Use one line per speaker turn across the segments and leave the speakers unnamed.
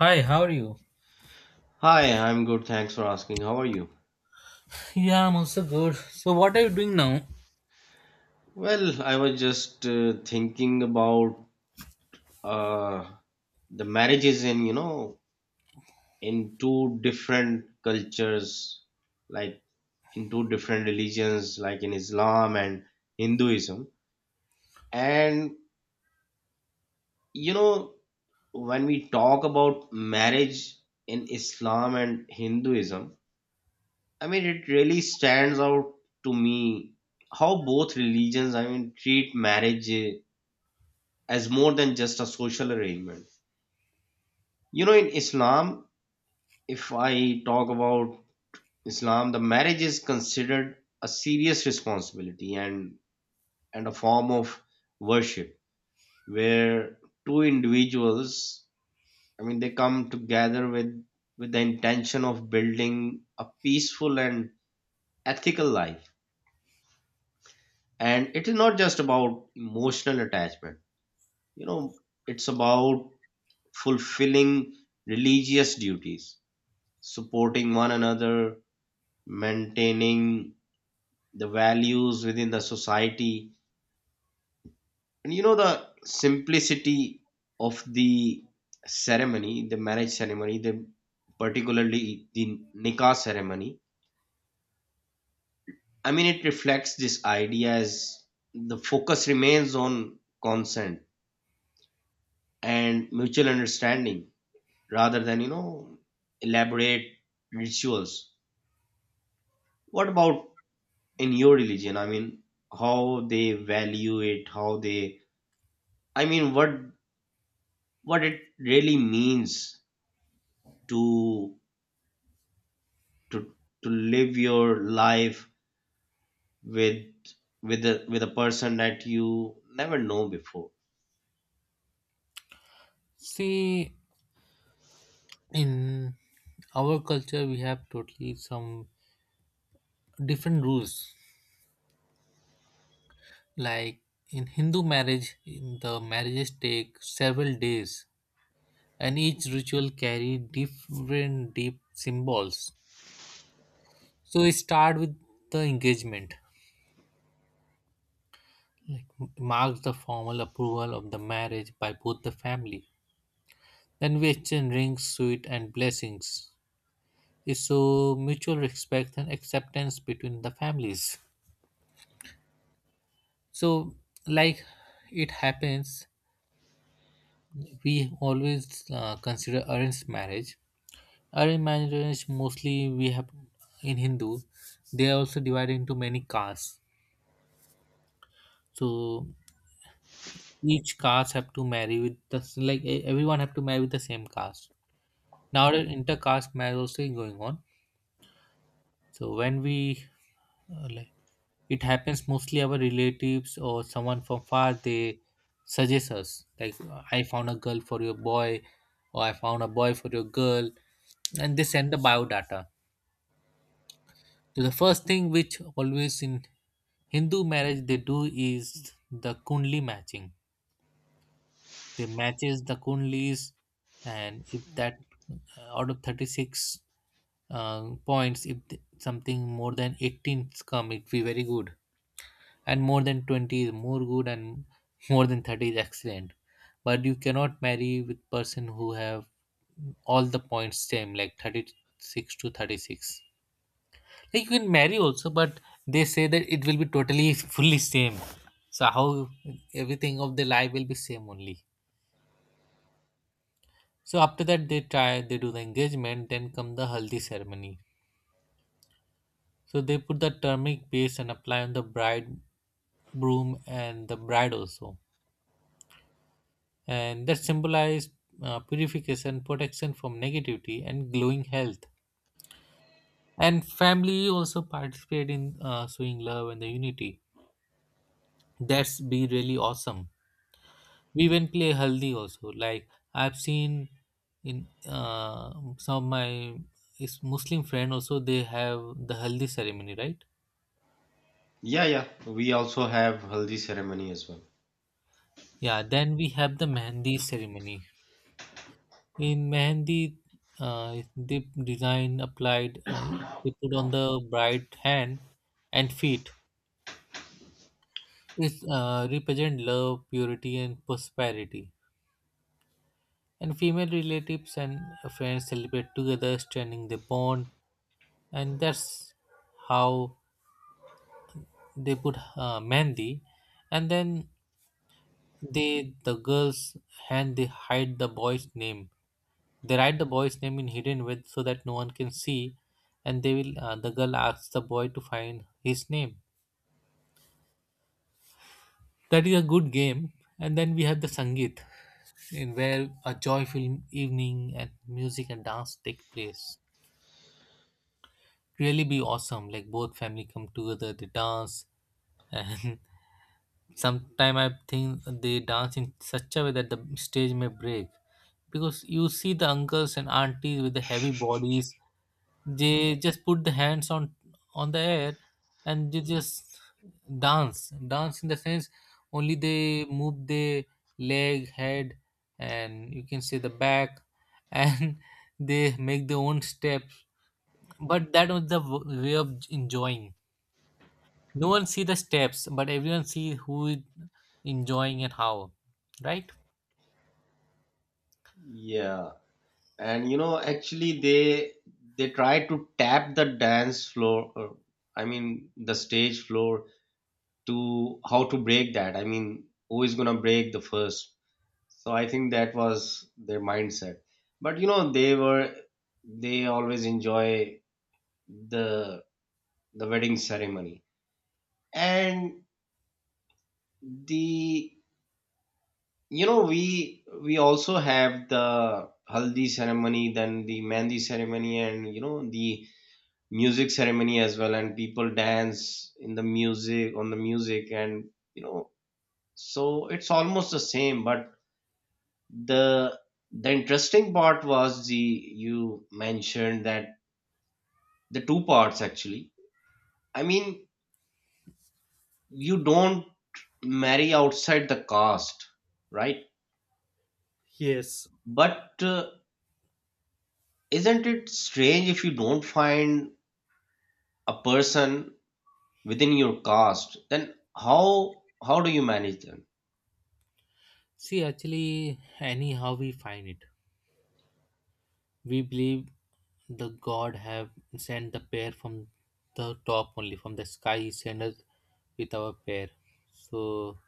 Hi, how are you?
Hi, I'm good. Thanks for asking. How are you?
Yeah, I'm also good. So, what are you doing now?
Well, I was just thinking about uh, the marriages in, you know, in two different cultures, like in two different religions, like in Islam and Hinduism. And, you know, when we talk about marriage in Islam and Hinduism, I mean, it really stands out to me how both religions, I mean, treat marriage, as more than just a social arrangement. You know, in Islam, if I talk about Islam, the marriage is considered a serious responsibility and a form of worship where two individuals, I mean, they come together with the intention of building a peaceful and ethical life. And it is not just about emotional attachment. You know, it's about fulfilling religious duties, supporting one another, maintaining the values within the society. And you know, the simplicity of the ceremony, the marriage ceremony, the particularly the nikah ceremony. I mean, it reflects this idea as the focus remains on consent and mutual understanding rather than, you know, elaborate rituals. What about in your religion? I mean, how they value it, how they, I mean, what it really means to to to live your life with with a person that you never know before?
See, in our culture, we have totally some different rules. Like in Hindu marriage, in the marriages take several days, and each ritual carry different deep symbols. So, we start with the engagement, like marks the formal approval of the marriage by both the family. Then we exchange rings, sweet, and blessings. Is so mutual respect and acceptance between the families. So, like it happens, we always consider arranged marriage. Mostly we have in Hindu. They are also divided into many castes, so each caste have to marry with the, like, everyone have to marry with the same caste. Now the intercaste marriage also is going on. So when we, like, it happens mostly our relatives or someone from far, they suggest us, like, I found a girl for your boy or I found a boy for your girl, and they send the biodata. So the first thing which always in Hindu marriage they do is the kundli matching. They matches the kundlis, and if that, out of 36 points, if something more than 18 come, it be very good, and more than 20 is more good, and more than 30 is excellent. But you cannot marry with person who have all the points same, like 36 to 36. Like, you can marry also, but they say that it will be totally fully same, so how everything of the life will be same only. So after that, they do the engagement, then come the haldi ceremony. So they put the turmeric paste and apply on the bride, groom, and the bride also. And that symbolize purification, protection from negativity, and glowing health. And family also participate in showing love and the unity. That's be really awesome. We even play haldi also. Like, I've seen in some of my is Muslim friend also, they have the haldi ceremony, right?
Yeah, yeah, we also have haldi ceremony as well.
Yeah. Then we have the mehndi ceremony. In Mehndi, the design applied, they put on the bride's hand and feet. It represent love, purity, and prosperity. And female relatives and friends celebrate together, strengthening the bond. And that's how they put Mehndi. And then they, the girls, hand, they hide the boy's name. They write the boy's name in hidden with so that no one can see, and they will. The girl asks the boy to find his name. That is a good game. And then we have the Sangeet, in where a joyful evening and music and dance take place. Really be awesome. Like, both family come together, they dance, and sometime I think they dance in such a way that the stage may break, because you see the uncles and aunties with the heavy bodies, they just put the hands on the air, and they just dance in the sense. Only they move the leg, head, and you can say the back, and they make their own steps. But that was the way of enjoying. No one see the steps, but everyone see who is enjoying and how, right?
Yeah, and you know actually they try to tap the dance floor, uh, I mean the stage floor, to how to break that. I mean, who is gonna break the first? So I think that was their mindset. But you know, they were they always enjoy the the wedding ceremony. And the, you know, we also have the haldi ceremony, then the mehndi ceremony, and you know the music ceremony as well, and people dance in the music, on the music, and you know, so it's almost the same. But the interesting part was the you mentioned that the two parts actually, I mean, you don't marry outside the caste, right? But isn't it strange if you don't find a person within your caste, then how do you manage them?
See, actually, anyhow we find it. We believe the god have sent the pair from the top only, from the sky. He sent us with our pair, so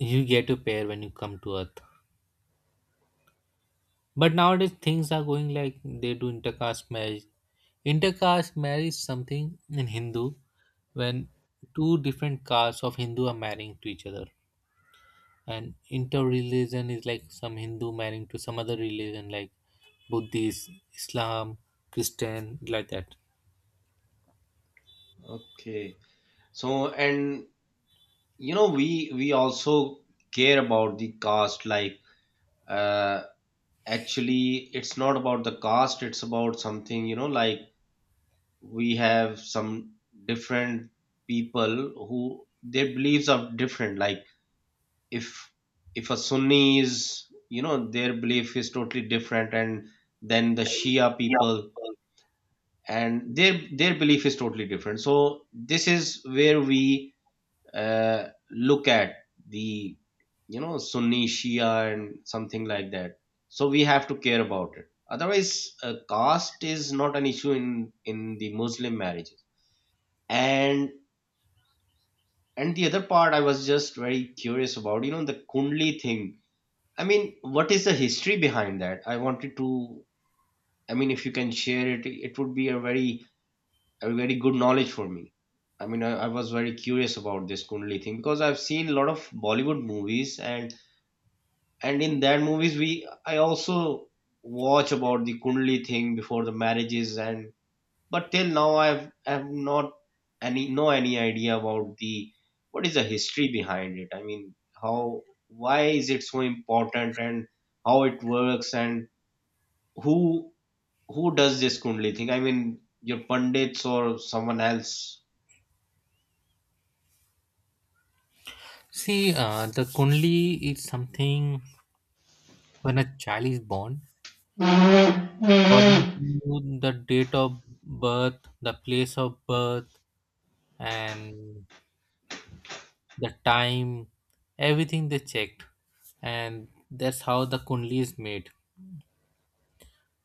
you get a pair when you come to Earth. But nowadays things are going like they do intercaste marriage. Intercaste marriage is something in Hindu when two different castes of Hindu are marrying to each other. And inter-religion is like some Hindu marrying to some other religion, like Buddhist, Islam, Christian, like that.
Okay. So, and you know we also care about the caste, like, uh, actually it's not about the caste, it's about something, you know, like we have some different people who their beliefs are different. Like if a Sunni is, you know, their belief is totally different, and then the Shia
Yeah.
people, and their belief is totally different. So this is where we look at the, you know, Sunni, Shia, and something like that. So we have to care about it, otherwise caste is not an issue in the Muslim marriages. And the other part I was just very curious about, you know, the kundli thing. I mean, what is the history behind that? I wanted to, I mean, if you can share it, it would be a very good knowledge for me. I mean, I was very curious about this kundli thing because I've seen a lot of Bollywood movies, and in that movies we, I also watch about the kundli thing before the marriages. And but till now I've not any, no any idea about the, what is the history behind it, I mean, how, why is it so important, and how it works, and who does this kundli thing? I mean, your pundits or someone else?
See, the Kundli is something. When a child is born, according to the date of birth, the place of birth, and the time, everything they checked, and that's how the Kundli is made.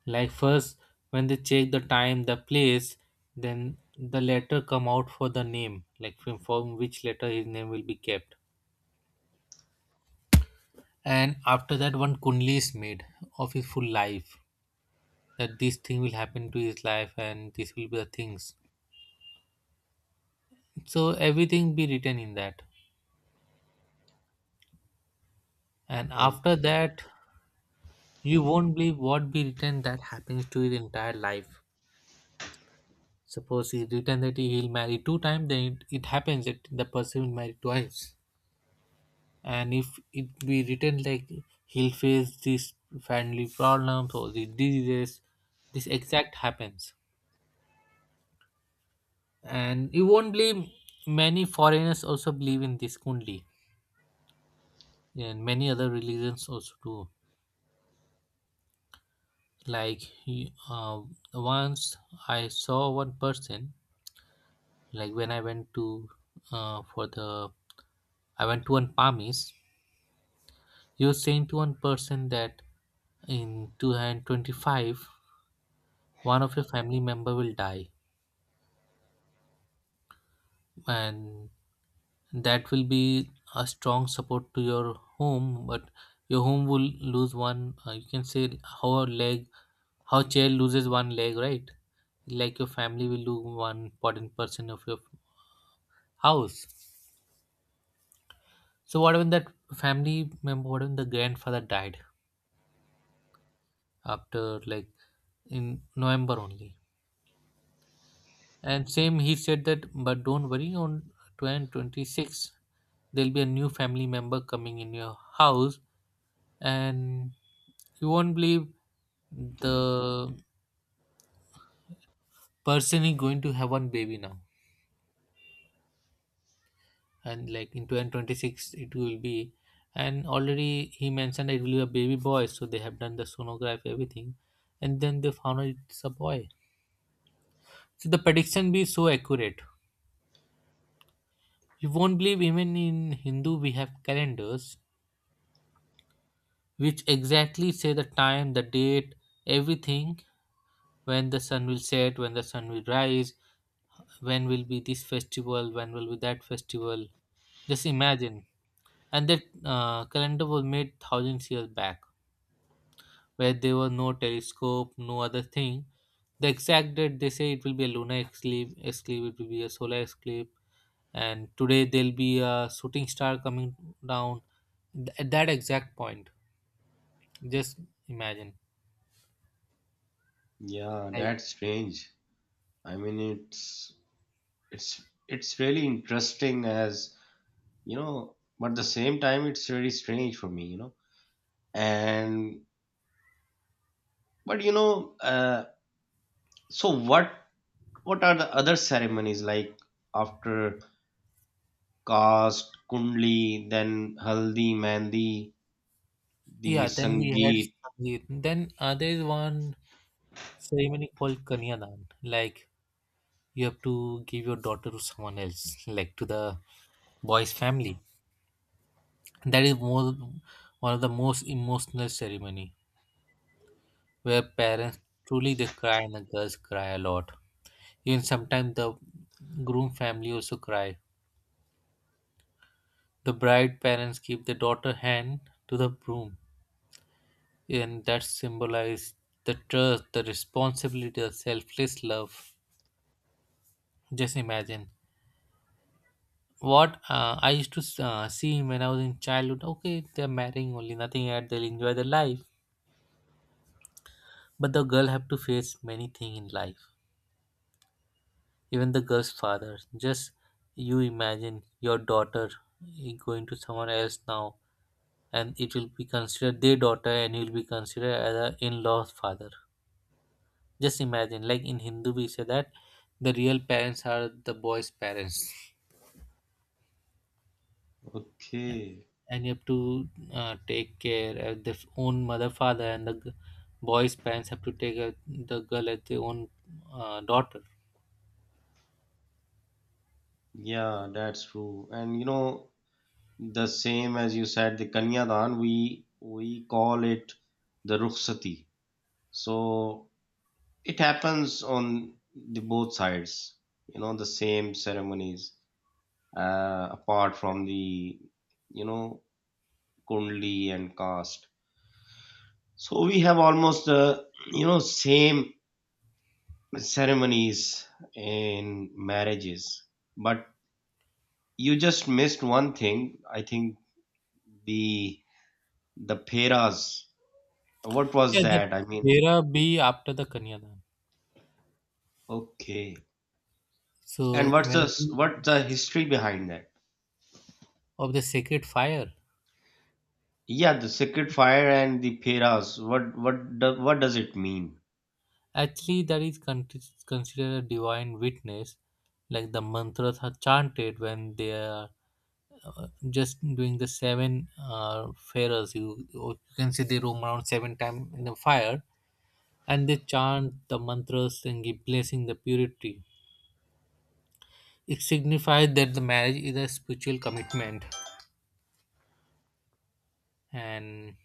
Like, first, when they check the time, the place, then the letter come out for the name, like, from which letter his name will be kept. And after that, one Kundli is made of his full life, that this thing will happen to his life and this will be the things. So everything be written in that, and after
Okay.
that, you won't believe, what be written that happens to his entire life. Suppose he written that he will marry two times, then it happens that the person will marry twice. And if it be written like he'll face this family problems or the diseases, this exact happens. And you won't believe, many foreigners also believe in this kundli, and many other religions also do. Like, once I saw one person, like, when I went uh, for the to one palmist. He was saying to one person that in 2025, one of your family member will die, and that will be a strong support to your home, but your home will lose one, you can say, how a leg, how chair loses one leg, right? Like, your family will lose one important person of your house. So what when that family member, what when the grandfather died, after, like, in November only. And same, he said that, but don't worry, on 2026, there'll be a new family member coming in your house, and you won't believe, the person is going to have one baby now. And like in 2026, it will be. And already he mentioned it will be a baby boy, so they have done the sonography, everything. And then they found out it's a boy. So the prediction be so accurate. You won't believe, even in Hindu we have calendars which exactly say the time, the date, everything, when the sun will set, when the sun will rise, when will be this festival, when will be that festival. Just imagine. And that calendar was made thousands years back, where there was no telescope, no other thing. The exact date they say it will be a lunar eclipse, eclipse it will be a solar eclipse, and today there'll be a shooting star coming down at that exact point. Just imagine.
Yeah,
Like,
that's strange. I mean, it's it's really interesting, as you know, but at the same time it's very strange for me, you know. And but you know, so what are the other ceremonies, like after caste, kundli, then haldi, mehndi, the
yeah, then we had
sangeet?
Sangeet. Then there is one ceremony called Kanyadan. Like, you have to give your daughter to someone else, like to the boy's family. That is more one of the most emotional ceremony, where parents truly they cry and the girls cry a lot. Even sometimes the groom family also cry. The bride parents give the daughter hand to the groom, and that symbolizes the trust, the responsibility, the selfless love. Just imagine what I used to see when I was in childhood. Okay, they're marrying only, nothing yet. They'll enjoy their life, but the girl have to face many things in life. Even the girl's father. Just you imagine your daughter going to someone else now, and it will be considered their daughter, and you'll be considered as a in-law's father. Just imagine, like in Hindu, we say that the real parents are the boy's parents.
Okay.
And you have to take care of their own mother, father, and the boys parents have to take care the girl as their own daughter.
Yeah, that's true. And you know, the same as you said, the kanyadan, we call it the rukhsati. So it happens on the both sides, you know, the same ceremonies, apart from the, you know, kundli and caste. So we have almost the, you know, same ceremonies in marriages. But you just missed one thing, I think, the peras. What was
Yeah, that
that, I mean?
era be after the kanyadan.
Okay. And
So
what's the history behind that?
of the sacred fire,
Yeah, the sacred fire and the peras. What do, what does it mean?
actually that is considered a divine witness. Like, the mantras are chanted when they are uh, just doing the seven uh, pharaohs. You can see they roam around seven times in the fire, and they chant the mantras and give blessing the purity. It signifies that the marriage is a spiritual commitment, and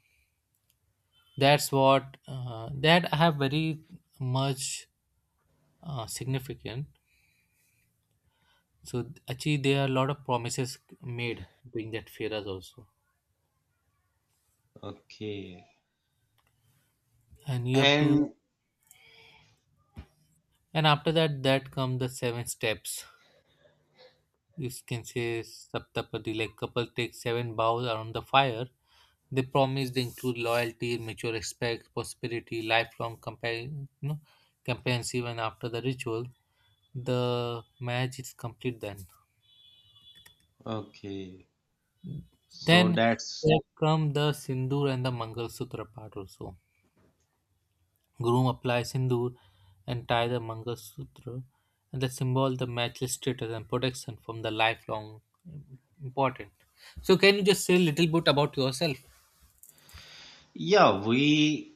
that's what, that I have very much significant. So actually, there are a lot of promises made during that feras also,
Okay.
and you have to.
And
And after that, that come the seven steps, you can say Saptapadi, like couple take seven vows around the fire. They promise they include loyalty, mutual respect, prosperity, lifelong companion, you know, companionship even after the ritual. The marriage is complete then.
okay. So
Then
that's,
there come the Sindoor and the Mangal Sutra part also. Groom applies Sindoor and tie the Mangal Sutra, and the symbol the matchless status and protection from the lifelong important. So can you just say a little bit about yourself?
yeah, we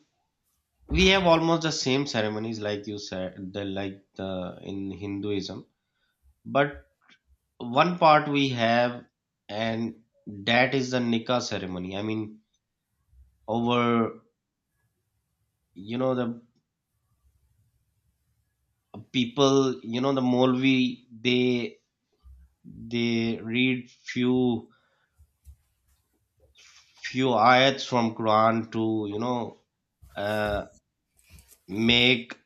have almost the same ceremonies like you said, the like the, in Hinduism. But one part we have, and that is the nikah ceremony. I mean, over you know the people, you know the Molvi, they read few ayats from Quran to, you know, uh, make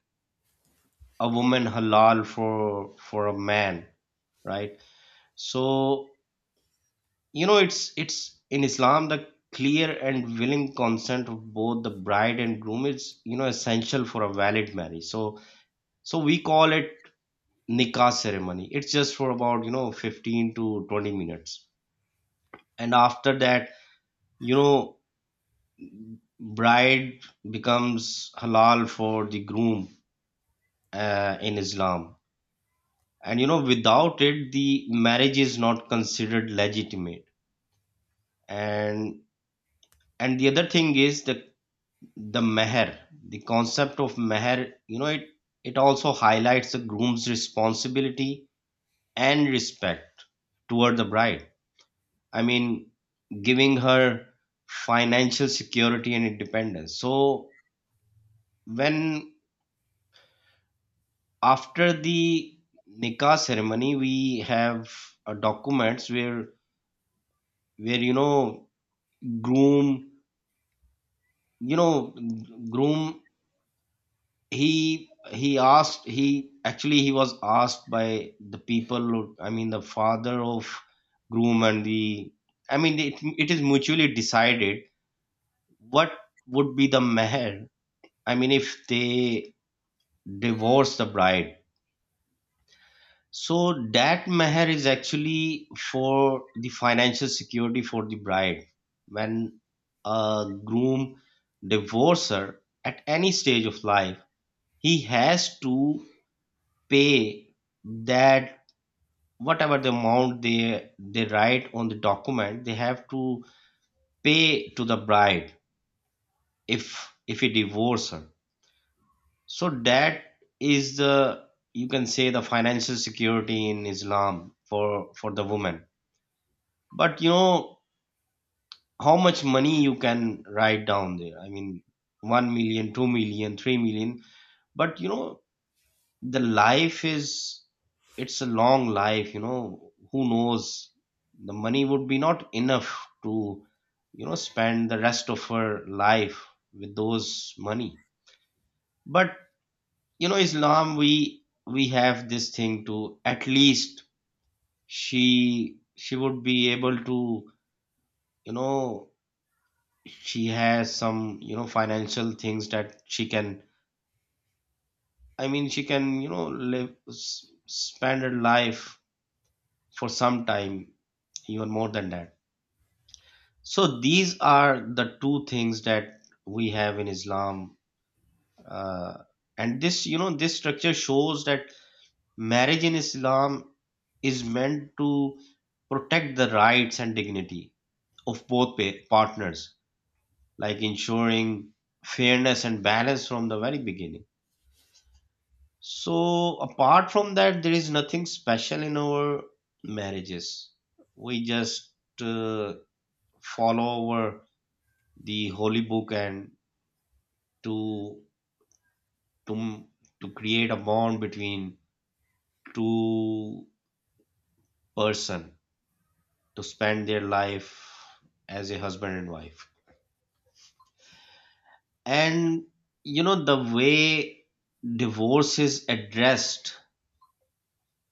a woman halal for a man, right? So you know, it's in Islam, the clear and willing consent of both the bride and groom is, you know, essential for a valid marriage. So we call it nikah ceremony. It's just for about, you know, 15 to 20 minutes. And after that, you know, bride becomes halal for the groom, in Islam. And you know, without it, the marriage is not considered legitimate. And the other thing is the meher, the concept of meher. You know, it also highlights the groom's responsibility and respect toward the bride. I mean, giving her financial security and independence. So when after the nikah ceremony, we have documents where you know groom, you know groom, he asked, he actually he was asked by the people who- I mean the father of groom and the, I mean it, is mutually decided what would be the meher. I mean, if they divorce the bride, so that meher is actually for the financial security for the bride. When a groom divorces her at any stage of life, he has to pay that, whatever the amount they write on the document, they have to pay to the bride if he divorce her. So that is the, you can say, the financial security in Islam for the woman. But you know, how much money you can write down there? I mean, 1 million, 2 million, 3 million. But you know, the life is, it's a long life, you know, who knows, the money would be not enough to, you know, spend the rest of her life with those money. But you know, Islam, we have this thing to at least she would be able to, you know, she has some, you know, financial things that she can, I mean she can, you know, live s- spend her life for some time, even more than that. So these are the two things that we have in Islam, uh, and this, you know, this structure shows that marriage in Islam is meant to protect the rights and dignity of both pa- partners, like ensuring fairness and balance from the very beginning. So apart from that, there is nothing special in our marriages. We just uh, follow over the holy book, and to to to create a bond between two person to spend their life as a husband and wife. And you know, the way divorce is addressed,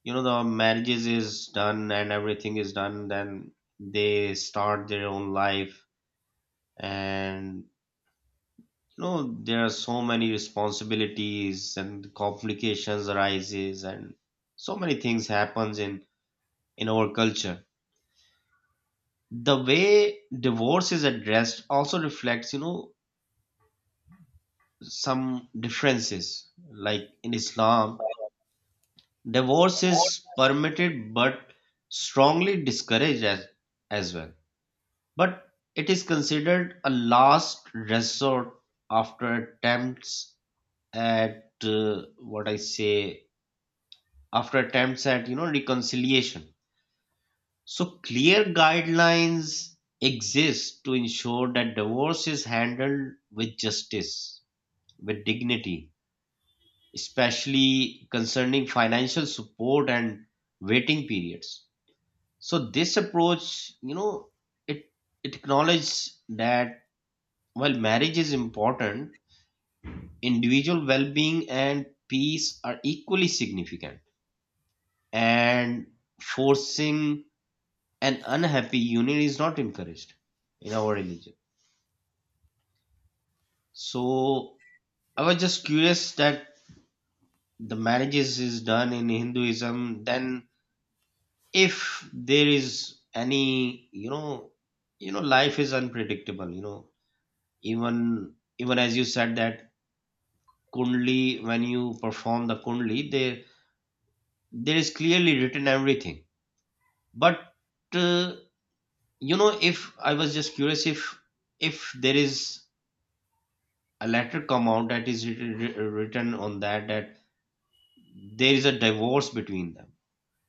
you know, the marriages is done, and everything is done, then they start their own life. And you know, there are so many responsibilities and complications arises, and so many things happens in our culture. The way divorce is addressed also reflects, you know, some differences. Like in Islam, divorce is permitted but strongly discouraged as well, but it is considered a last resort after attempts at, what I say, after attempts at, you know, reconciliation. So clear guidelines exist to ensure that divorce is handled with justice, with dignity, especially concerning financial support and waiting periods. So this approach, you know, it acknowledges that while marriage is important, individual well-being and peace are equally significant, and forcing an unhappy union is not encouraged in our religion. So I was just curious that the marriages is done in Hinduism, then if there is any life is unpredictable. Even as you said that kundli, when you perform the kundli, there is clearly written everything, but uh, you know, if I was just curious if there is a letter come out that is written written on that, that there is a divorce between them.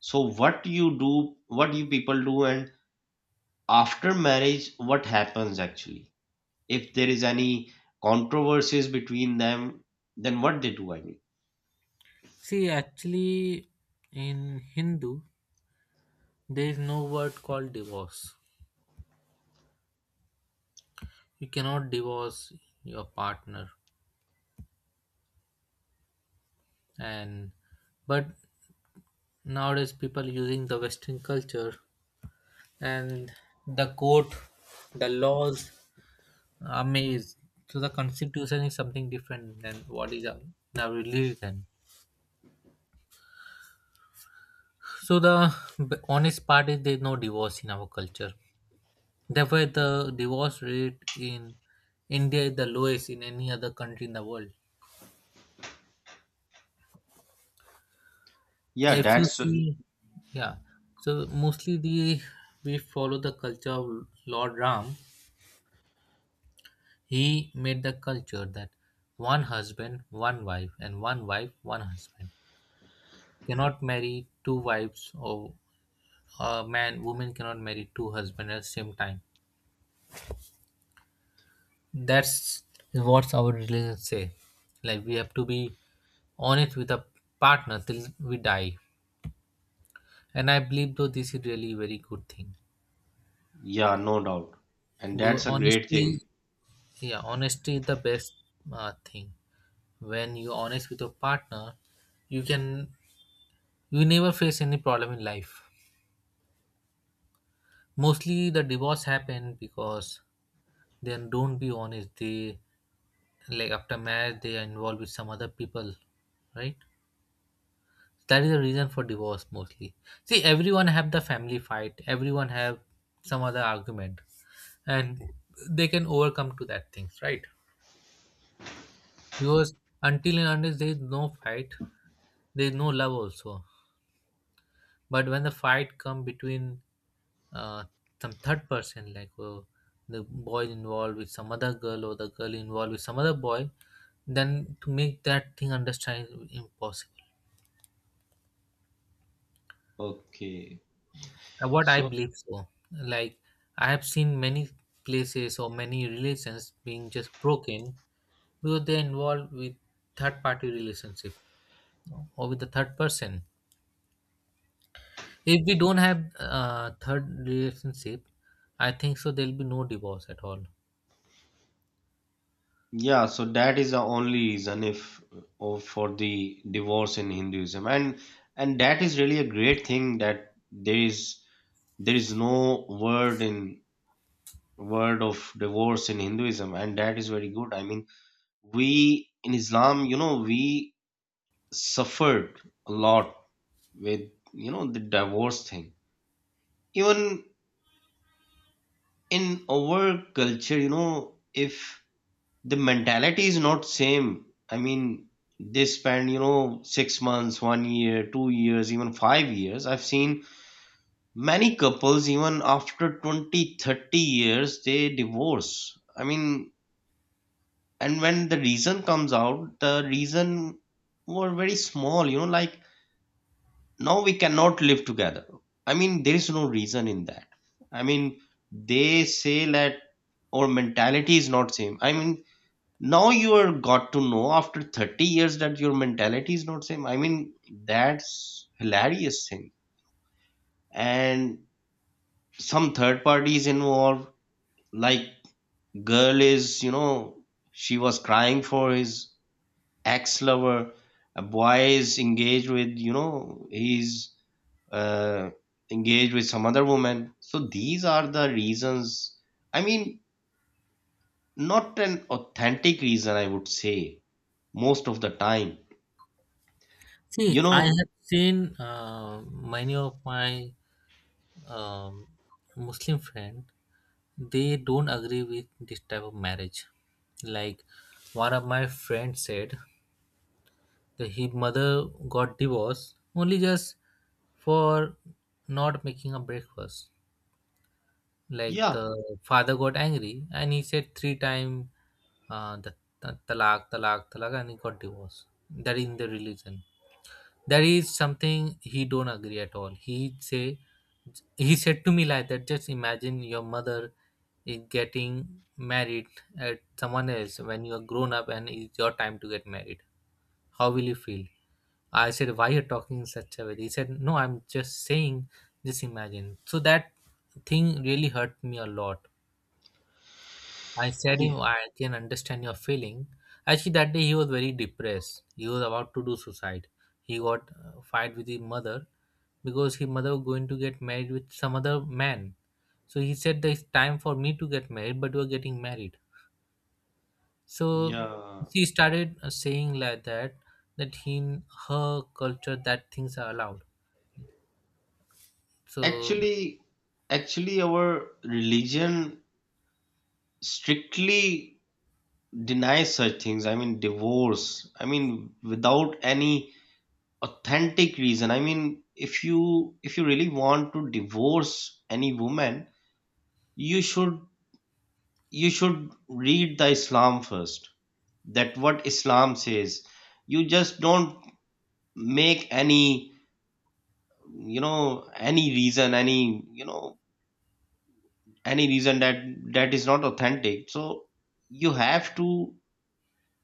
So what you do, what you people do, and after marriage what happens actually if there is any controversies between them, then what they do, I mean.
See, actually, in Hindu, there is no word called divorce. You cannot divorce your partner, and but nowadays people using the Western culture, and the court, the laws are made. So the constitution is something different than what is our religion. So the honest part is there is no divorce in our culture. Therefore, the divorce rate in India is the lowest in any other country in the world.
Yeah,
If you
that's.
see, yeah, so mostly the, we follow the culture of Lord Ram. He made the culture that one husband, one wife, and one wife, one husband, cannot marry two wives, or a man, woman cannot marry two husbands at the same time. That's what our religion say. Like, we have to be honest with a partner till we die. And I believe though, this is really very good thing,
Yeah, no doubt, and
because
that's a great
honesty,
thing.
yeah, honesty is the best thing. When you're honest with your partner, you can, you never face any problem in life. Mostly the divorce happen because they don't be honest, they, like after marriage they are involved with some other people, right? That is the reason for divorce mostly. See, everyone have the family fight, everyone have some other argument, and they can overcome to that things, right? Because until and unless there is no fight, there is no love also. But when the fight come between, uh, some third person, like, the boy involved with some other girl or the girl involved with some other boy, then to make that thing understand is impossible.
Okay.
What I
So
believe, so, like, I have seen many places or many relations being just broken, because they involved with third party relationship or with the third person. If we don't have third relationship, I think so there'll be no divorce at all.
yeah, so that is the only reason if or for the divorce in hinduism, and that is really a great thing that there is no word in word of divorce in hinduism, and that is very good. I mean, we in islam, you know, we suffered a lot with, you know, the divorce thing. Even in our culture, you know, if the mentality is not same, I mean they spend, you know, 6 months, 1 year, 2 years, even 5 years. I've seen many couples even after 20, 30 years they divorce, I mean. And when the reason comes out, the reason were very small, you know, like now we cannot live together. I mean, there is no reason in that. I mean, they say that our mentality is not same. I mean, now you are got to know after 30 years that your mentality is not same. I mean, that's hilarious thing. And some third party is involved, like girl is, you know, she was crying for his ex lover. A boy is engaged with, you know, his uh, engage with some other woman. So these are the reasons. I mean, not an authentic reason, I would say, most of the time.
See,
You
I
know,
have seen many of my um, Muslim friend. They don't agree with this type of marriage. Like, one of my friends said that his mother got divorced only just for not making a breakfast. Like,
yeah,
the father got angry and he said three times uh, the the talak, talak, talak, and he got divorced. That is in the religion. That is something he don't agree at all. He say, he said to me like that. Just imagine your mother is getting married at someone else when you are grown up and it's your time to get married. How will you feel? I said, why you're talking in such a way? He said, no, I'm just saying. Just imagine. So that thing really hurt me a lot. I said him,
yeah.
I can understand your feeling. Actually, that day he was very depressed. He was about to do suicide. He got fight with his mother because his mother was going to get married with some other man. So he said, "There's time for me to get married, but we're getting married." So
Yeah.
she started saying like that, that in her culture that things are allowed. So,
Actually, our religion strictly denies such things. I mean, divorce. I mean, without any authentic reason. I mean, if you really want to divorce any woman, you should you should read the Islam first. That what Islam says. You just don't make any, you know, any reason, any, you know, any reason that that is not authentic. So you have to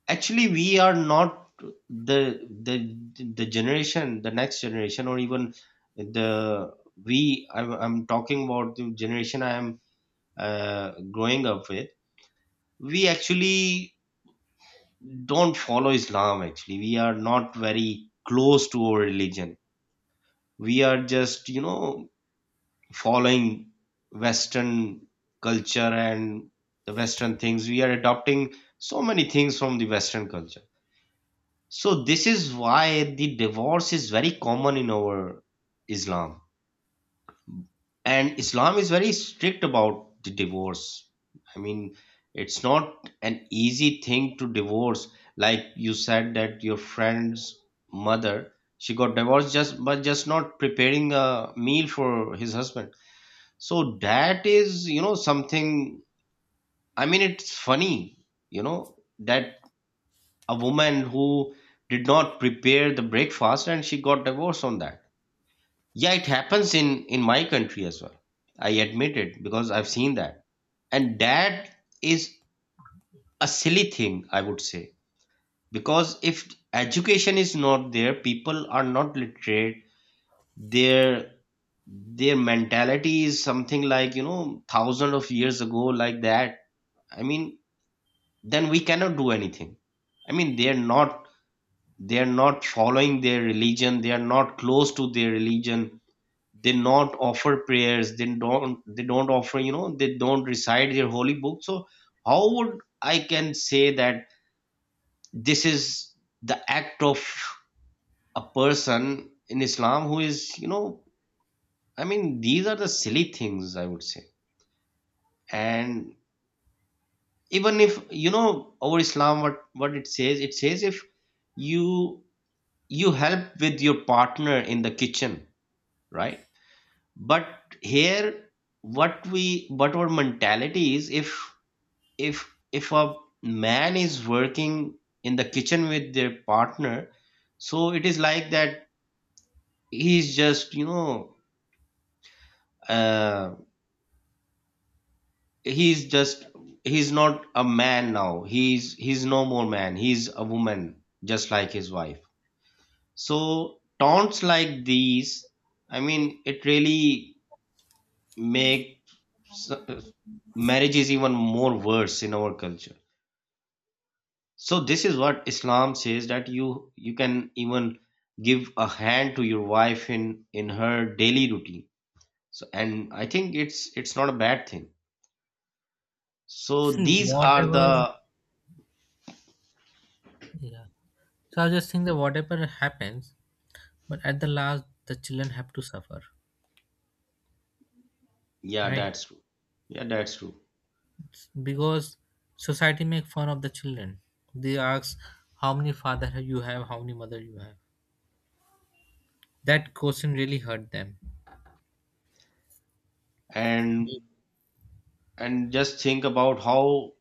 actually, we are not the the generation, the next generation, or even the we I'm talking about the generation I am growing up with. We actually don't follow Islam actually. We are not very close to our religion. We are just, you know, following Western culture and the Western things. We are adopting so many things from the Western culture. So this is why the divorce is very common in our Islam, and islam is very strict about the divorce. I mean, it's not an easy thing to divorce. Like you said that your friend's mother, she got divorced just but just not preparing a meal for his husband. So that is, you know, something. I mean, it's funny, you know, that a woman who did not prepare the breakfast and she got divorced on that. Yeah, it happens in my country as well, I admit it, because I've seen that. And that is a silly thing, I would say, because if education is not there, people are not literate, their their mentality is something like, you know, thousands of years ago, like that. I mean, then we cannot do anything. I mean, they're not following their religion, they are not close to their religion. They not offer prayers, they don't offer, you know, they don't recite their holy book. So how would I can say that this is the act of a person in islam who is, you know, I mean these are the silly things, I would say. And even, if you know, our islam, what it says, it says if you you help with your partner in the kitchen. Right. But here, what we, what our mentality is, if a man is working in the kitchen with their partner, so it is like that, he's just, you know, uh, he's just he's not a man now, he's no more man, he's a woman just like his wife. So taunts like these, I mean it really make s- marriage is even more worse in our culture. So this is what islam says, that you can even give a hand to your wife in her daily routine. So, and I think it's not a bad thing. So
see
these are
whatever.
the.
Yeah. So I was just think that whatever happens, but at the last the children have to suffer,
Yeah,
right?
that's true. Yeah, that's true.
Because society make fun of the children, they ask how many father you have, how many mother you have, that question really hurt them.
And and just think about how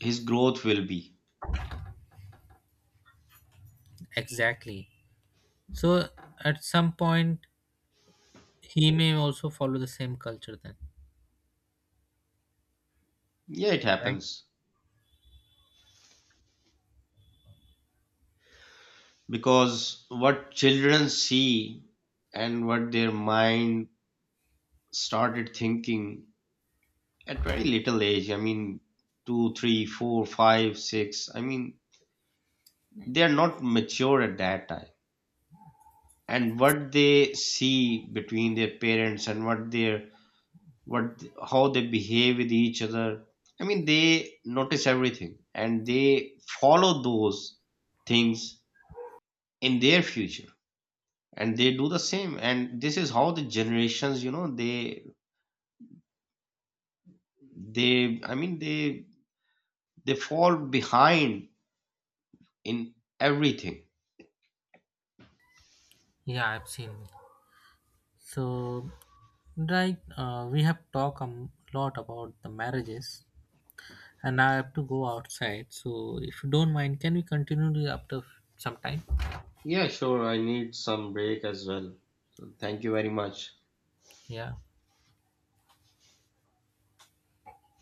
his growth will be.
Exactly. So at some point he may also follow the same culture then,
Yeah, it
right?
happens because what children see and what their mind started thinking at very little age. I mean, two, three, four, five, six. I mean, they are not mature at that time. And what they see between their parents, and what their what how they behave with each other, I mean they notice everything and they follow those things in their future, and they do the same. And this is how the generations, you know, they, I mean they fall behind in everything.
Yeah, I've seen. So, right, we have talked a lot about the marriages, and now I have to go outside, so if you don't mind, can we continue after some time?
Yeah, sure, I need some break as well. So thank you very much.
Yeah.